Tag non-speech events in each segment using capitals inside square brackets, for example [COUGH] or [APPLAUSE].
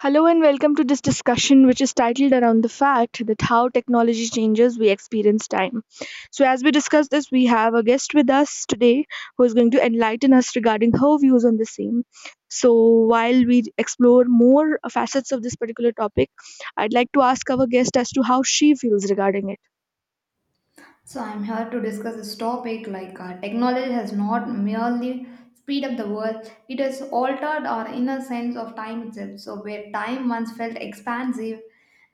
Hello and welcome to this discussion, which is titled around the fact that how technology changes, we experience time. So, as we discuss this, we have a guest with us today who is going to enlighten us regarding her views on the same. So, while we explore more facets of this particular topic, I'd like to ask our guest as to how she feels regarding it. So I'm here to discuss this topic, like technology has not merely speed up the world, it has altered our inner sense of time itself. So where time once felt expansive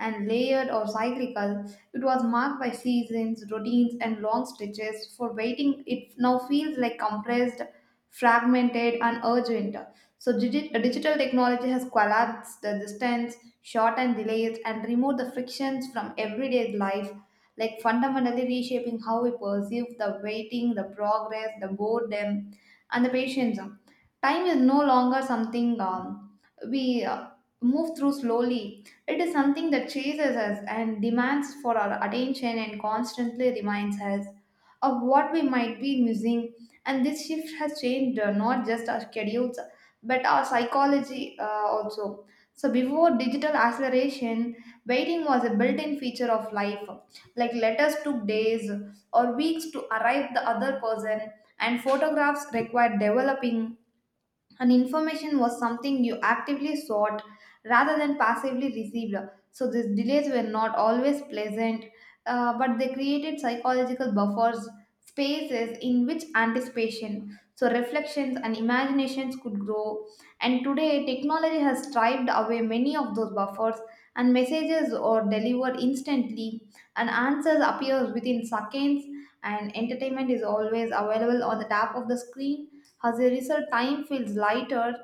and layered or cyclical, it was marked by seasons, routines, and long stretches. For waiting, it now feels like compressed, fragmented, and urgent. So digital technology has collapsed the distance, shortened delays, and removed the frictions from everyday life, like fundamentally reshaping how we perceive the waiting, the progress, the boredom, and the patience. Time is no longer something we move through slowly. It is something that chases us and demands for our attention and constantly reminds us of what we might be missing. And this shift has changed not just our schedules but our psychology also. So before digital acceleration, waiting was a built-in feature of life, like letters took days or weeks to arrive the other person, and photographs required developing, and information was something you actively sought rather than passively received. So these delays were not always pleasant, but they created psychological buffers, spaces in which anticipation, so reflections and imaginations could grow. And today, technology has striped away many of those buffers, and messages are delivered instantly, and answers appear within seconds. And entertainment is always available on the tap of the screen. As a result, time feels lighter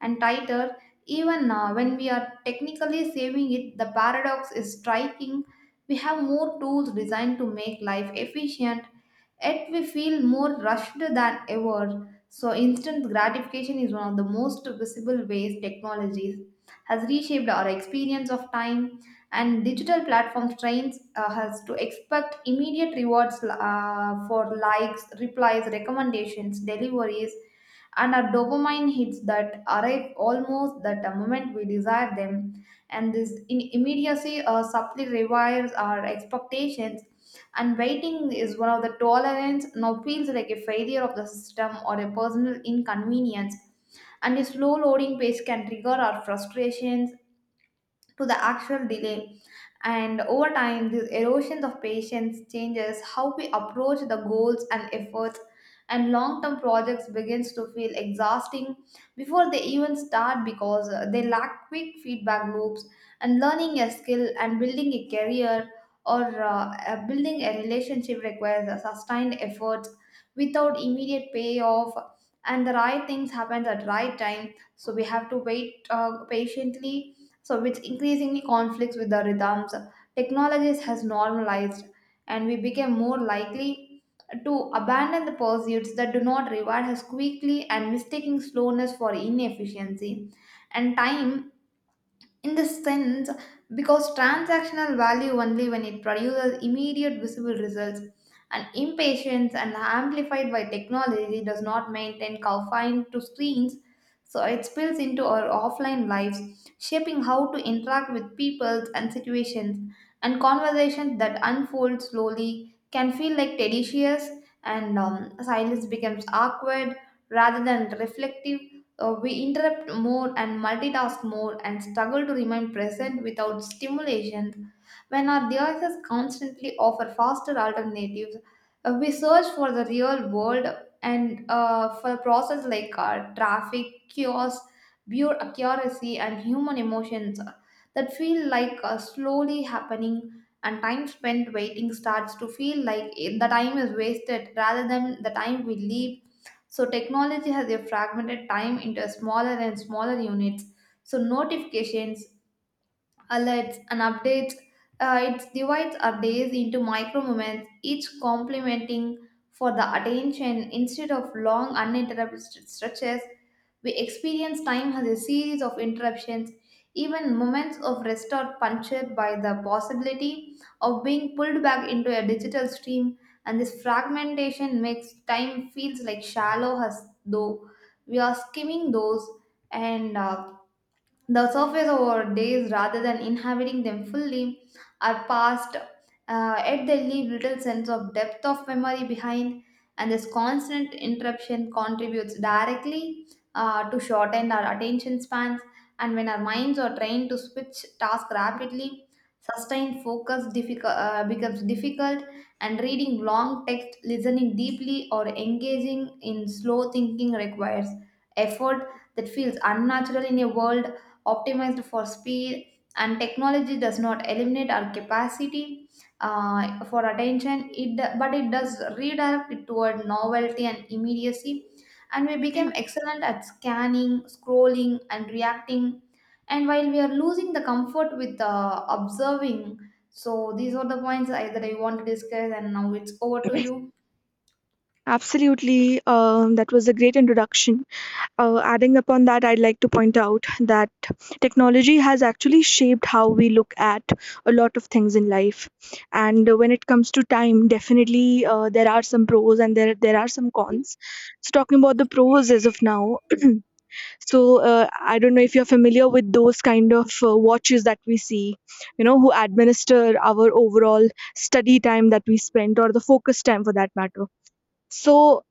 and tighter, even when we are technically saving it. The paradox is striking. We have more tools designed to make life efficient, yet we feel more rushed than ever. So, instant gratification is one of the most visible ways technologies has reshaped our experience of time, and digital platform trains us to expect immediate rewards for likes, replies, recommendations, deliveries, and our dopamine hits that arrive almost at the moment we desire them. And this immediacy subtly rewires our expectations, and waiting is one of the tolerance now feels like a failure of the system or a personal inconvenience, and a slow loading pace can trigger our frustrations to the actual delay. And over time, these erosions of patience changes how we approach the goals and efforts, and long-term projects begins to feel exhausting before they even start, because they lack quick feedback loops. And learning a skill and building a career or building a relationship requires a sustained effort without immediate payoff. And the right things happen at the right time, so we have to wait patiently, so which increasingly conflicts with the rhythms technologies has normalized, and we became more likely to abandon the pursuits that do not reward us quickly, and mistaking slowness for inefficiency. And time, in this sense, because transactional value only when it produces immediate visible results. And impatience and amplified by technology does not maintain confined to screens, so it spills into our offline lives, shaping how to interact with people and situations. And conversations that unfold slowly can feel like tedious, and silence becomes awkward rather than reflective. We interrupt more and multitask more and struggle to remain present without stimulation. When our devices constantly offer faster alternatives, we search for the real world and for process like traffic, chaos, pure accuracy, and human emotions that feel like slowly happening. And time spent waiting starts to feel like the time is wasted rather than the time we live. So technology has fragmented time into smaller and smaller units. So notifications, alerts, and updates. It divides our days into micro moments, each complementing for the attention instead of long uninterrupted stretches. We experience time as a series of interruptions. Even moments of rest are punctured by the possibility of being pulled back into a digital stream, and this fragmentation makes time feels like shallow, as though we are skimming those and the surface of our days rather than inhabiting them fully are past, yet they leave little sense of depth of memory behind. And this constant interruption contributes directly to shorten our attention spans. And when our minds are trained to switch tasks rapidly, sustained focus becomes difficult, and reading long text, listening deeply, or engaging in slow thinking requires effort that feels unnatural in a world optimized for speed. And technology does not eliminate our capacity for attention, but it does redirect it toward novelty and immediacy. And we became excellent at scanning, scrolling, and reacting. And while we are losing the comfort with observing, so these are the points that I want to discuss, and now it's over to you. Absolutely, that was a great introduction. Adding upon that, I'd like to point out that technology has actually shaped how we look at a lot of things in life. And when it comes to time, definitely there are some pros and there are some cons. So talking about the pros as of now, [CLEARS THROAT] so I don't know if you're familiar with those kind of watches that we see, who administer our overall study time that we spend or the focus time for that matter. So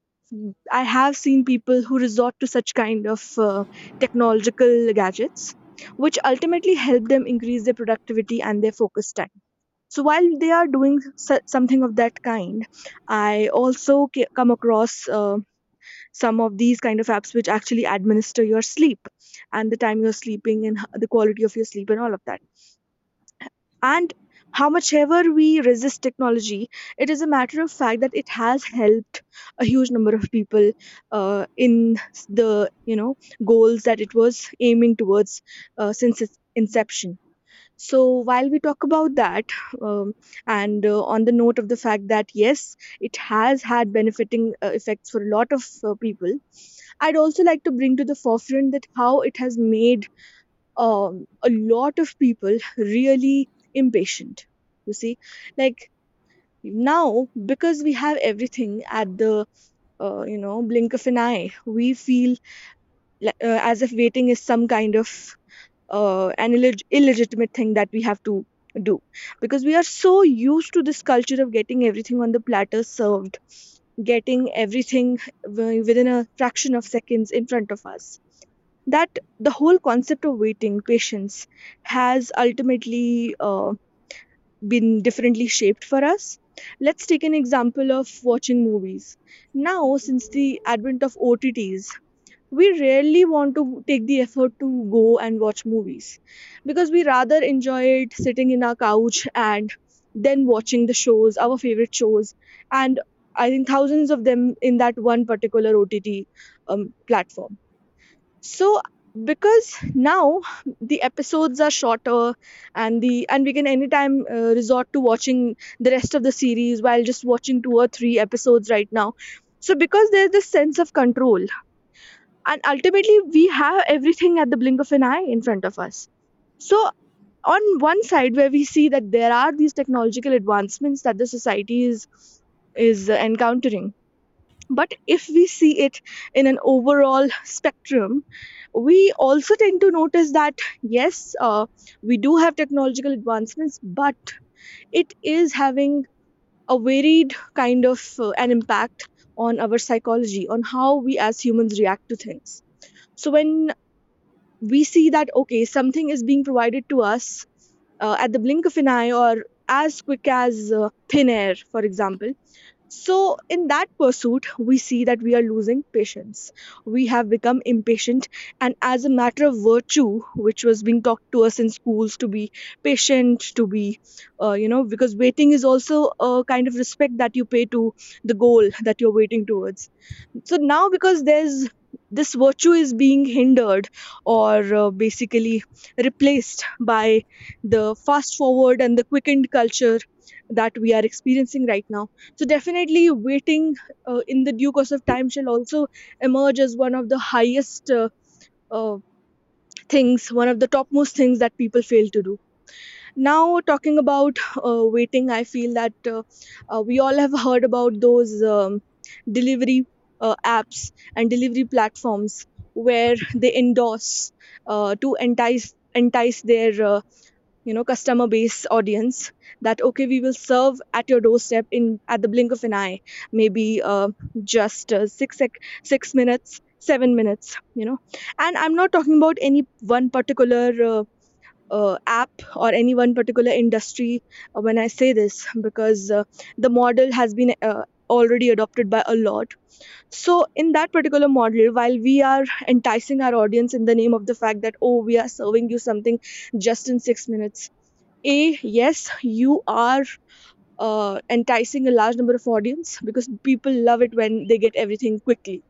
I have seen people who resort to such kind of technological gadgets, which ultimately help them increase their productivity and their focus time. So while they are doing something of that kind, I also come across some of these kind of apps which actually administer your sleep and the time you're sleeping and the quality of your sleep and all of that. And how much ever we resist technology, it is a matter of fact that it has helped a huge number of people in the goals that it was aiming towards since its inception. So while we talk about that, um, and on the note of the fact that yes, it has had benefiting effects for a lot of people, I'd also like to bring to the forefront that how it has made a lot of people really impatient, you see, like now because we have everything at the blink of an eye. We feel as if waiting is some kind of an illegitimate thing that we have to do because we are so used to this culture of getting everything on the platter served, getting everything within a fraction of seconds in front of us, that the whole concept of waiting patience has ultimately been differently shaped for us. Let's take an example of watching movies. Now, since the advent of OTTs, we rarely want to take the effort to go and watch movies because we rather enjoy it sitting in our couch and then watching the shows our favorite shows, and I think thousands of them in that one particular OTT platform. So, because now the episodes are shorter, and the and we can anytime resort to watching the rest of the series while just watching two or three episodes right now. So because there's this sense of control, and ultimately we have everything at the blink of an eye in front of us. So on one side where we see that there are these technological advancements that the society is encountering, but if we see it in an overall spectrum, we also tend to notice that yes, we do have technological advancements, but it is having a varied kind of an impact on our psychology, on how we as humans react to things. So when we see that, okay, something is being provided to us at the blink of an eye or as quick as thin air, for example. So, in that pursuit, we see that we are losing patience. We have become impatient, and as a matter of virtue, which was being taught to us in schools to be patient, to be, you know, because waiting is also a kind of respect that you pay to the goal that you're waiting towards. So now because there's this virtue is being hindered or basically replaced by the fast forward and the quickened culture that we are experiencing right now. So definitely, waiting in the due course of time shall also emerge as one of the highest uh, things one of the topmost things that people fail to do. Now, talking about waiting, I feel that we all have heard about those delivery apps and delivery platforms where they endorse to entice their customer base audience that, okay, we will serve at your doorstep in at the blink of an eye, maybe just 6 6 minutes, 7 minutes, you know and I'm not talking about any one particular uh, app or any one particular industry when I say this because the model has been already adopted by a lot. So, in that particular model, while we are enticing our audience in the name of the fact that, oh, we are serving you something just in 6 minutes, A, yes, you are. Enticing a large number of audience because people love it when they get everything quickly.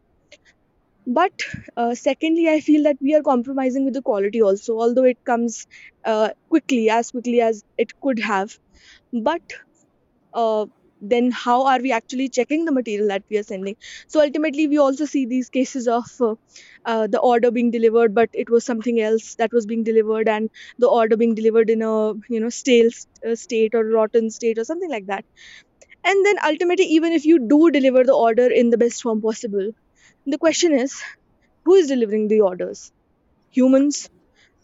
But secondly, I feel that we are compromising with the quality also, although it comes quickly as it could have. But uh, then, how are we actually checking the material that we are sending? So ultimately, we also see these cases of the order being delivered, but it was something else that was being delivered, and the order being delivered in a stale state or rotten state or something like that. And then ultimately, even if you do deliver the order in the best form possible, the question is, who is delivering the orders? Humans.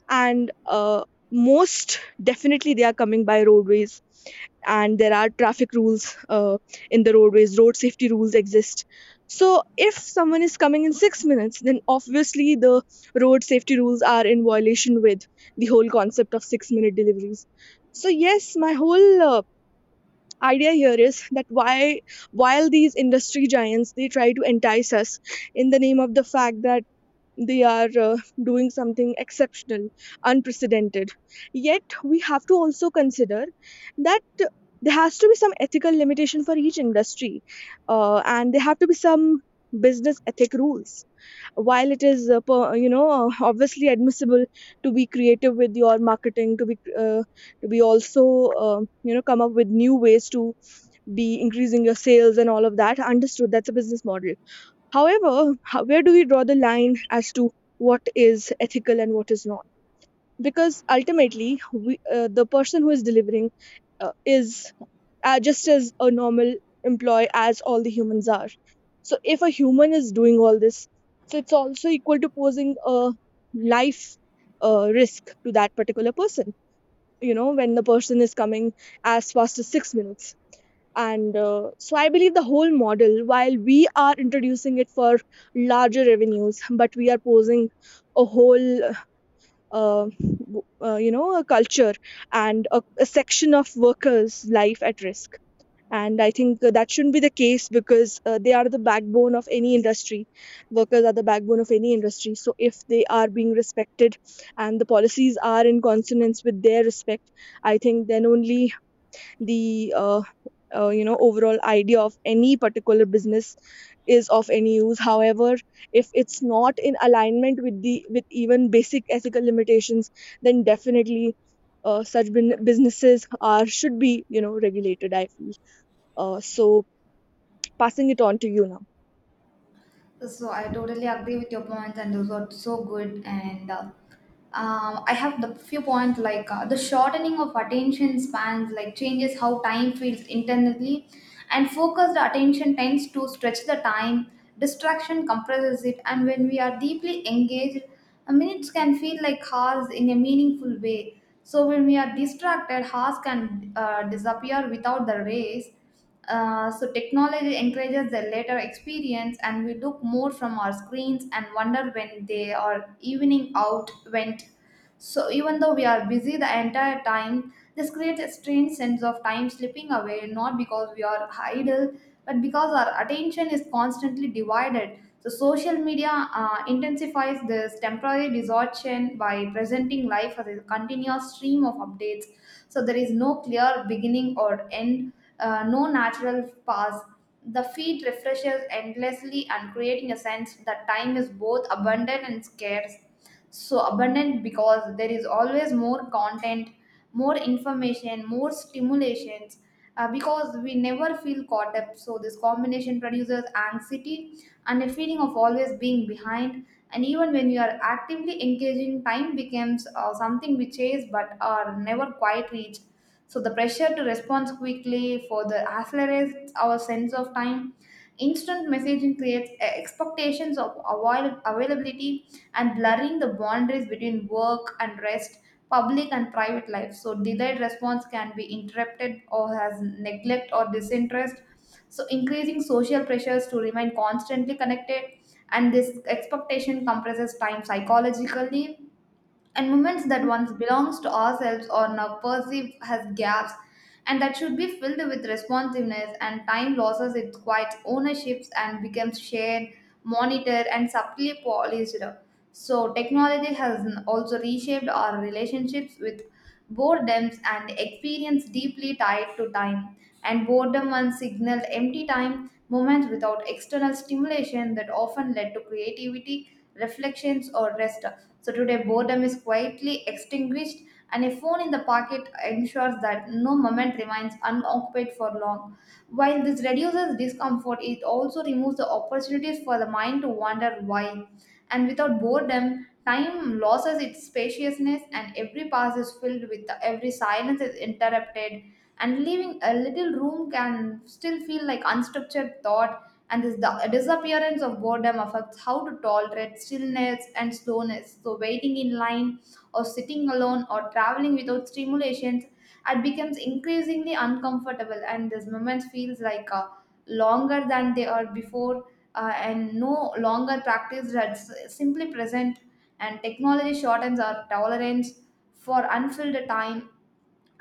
And most definitely, they are coming by roadways, and there are traffic rules in the roadways. Road safety rules exist, so if someone is coming in 6 minutes, then obviously the road safety rules are in violation with the whole concept of 6-minute deliveries. So yes, my whole idea here is that why, while these industry giants, they try to entice us in the name of the fact that they are doing something exceptional, unprecedented. Yet, we have to also consider that there has to be some ethical limitation for each industry, and there have to be some business ethic rules. While it is, obviously admissible to be creative with your marketing, to be also, come up with new ways to be increasing your sales and all of that. Understood, that's a business model. However, where do we draw the line as to what is ethical and what is not? Because ultimately, the person who is delivering is just as a normal employee as all the humans are. So, if a human is doing all this, so it's also equal to posing a life risk to that particular person. You know, when the person is coming as fast as 6 minutes, and so I believe the whole model, while we are introducing it for larger revenues, but we are posing a whole w- you know a culture and a section of workers' life at risk. And I think that shouldn't be the case because they are the backbone of any industry. Workers are the backbone of any industry. So if they are being respected and the policies are in consonance with their respect, I think then only the overall idea of any particular business is of any use. However, if it's not in alignment with even basic ethical limitations, then definitely such businesses are should be regulated, I feel. Uh, so passing it on to you now. So I totally agree with your points, and those are so good. And I have the few points like the shortening of attention spans, like changes how time feels internally, and focused attention tends to stretch the time. Distraction compresses it, and when we are deeply engaged, minutes can feel like hours in a meaningful way. So when we are distracted, hours can disappear without the race, so technology encourages the later experience, and we look more from our screens and wonder when they are evening out went. So even though we are busy the entire time, this creates a strange sense of time slipping away, not because we are idle, but because our attention is constantly divided. So social media intensifies this temporary distortion by presenting life as a continuous stream of updates. So there is no clear beginning or end, no natural pause. The feed refreshes endlessly and creating a sense that time is both abundant and scarce, so abundant because there is always more content, more information, more stimulations, because we never feel caught up. So this combination produces anxiety and a feeling of always being behind, and even when you are actively engaging time becomes something we chase but are never quite reached. So the pressure to respond quickly for the accelerates our sense of time. Instant messaging creates expectations of availability, and blurring the boundaries between work and rest, public and private life. So delayed response can be interrupted or has neglect or disinterest, so increasing social pressures to remain constantly connected. And this expectation compresses time psychologically, and moments that once belongs to ourselves are now perceived as gaps and that should be filled with responsiveness, and time loses its quiet ownerships and becomes shared, monitored, and subtly polished. So technology has also reshaped our relationships with boredoms and experience deeply tied to time, and boredom once signaled empty time moments without external stimulation that often led to creativity, reflections, or rest. So today boredom is quietly extinguished, and a phone in the pocket ensures that no moment remains unoccupied for long. While this reduces discomfort, it also removes the opportunities for the mind to wonder why. And without boredom, time loses its spaciousness, and every pass is filled with every silence is interrupted, and leaving a little room can still feel like unstructured thought. And this the disappearance of boredom affects how to tolerate stillness and slowness. So, waiting in line, or sitting alone, or traveling without stimulations, it becomes increasingly uncomfortable, and this moment feels like a longer than they are before, and no longer practiced that's simply present. And technology shortens our tolerance for unfilled time,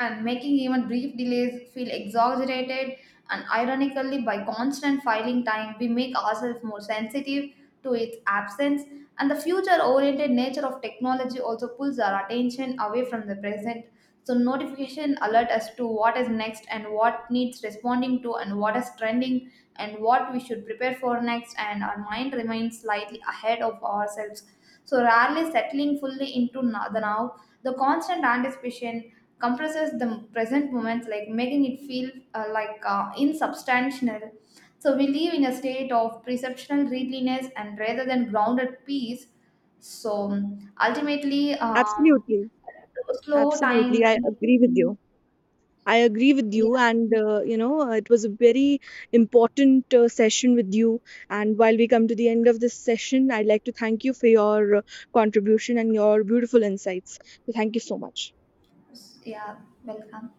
and making even brief delays feel exaggerated. And ironically, by constant filing time, we make ourselves more sensitive to its absence. And the future oriented nature of technology also pulls our attention away from the present, so notification alert us to what is next, and what needs responding to, and what is trending, and what we should prepare for next, and our mind remains slightly ahead of ourselves, so rarely settling fully into the now. The constant anticipation compresses the present moments, like making it feel like insubstantial. So we live in a state of perceptual readiness and rather than grounded peace. So ultimately, Absolutely, slow absolutely, time. I agree with you. I agree with you, Yeah, and it was a very important session with you. And while we come to the end of this session, I'd like to thank you for your contribution and your beautiful insights. So, thank you so much. yeah, welcome.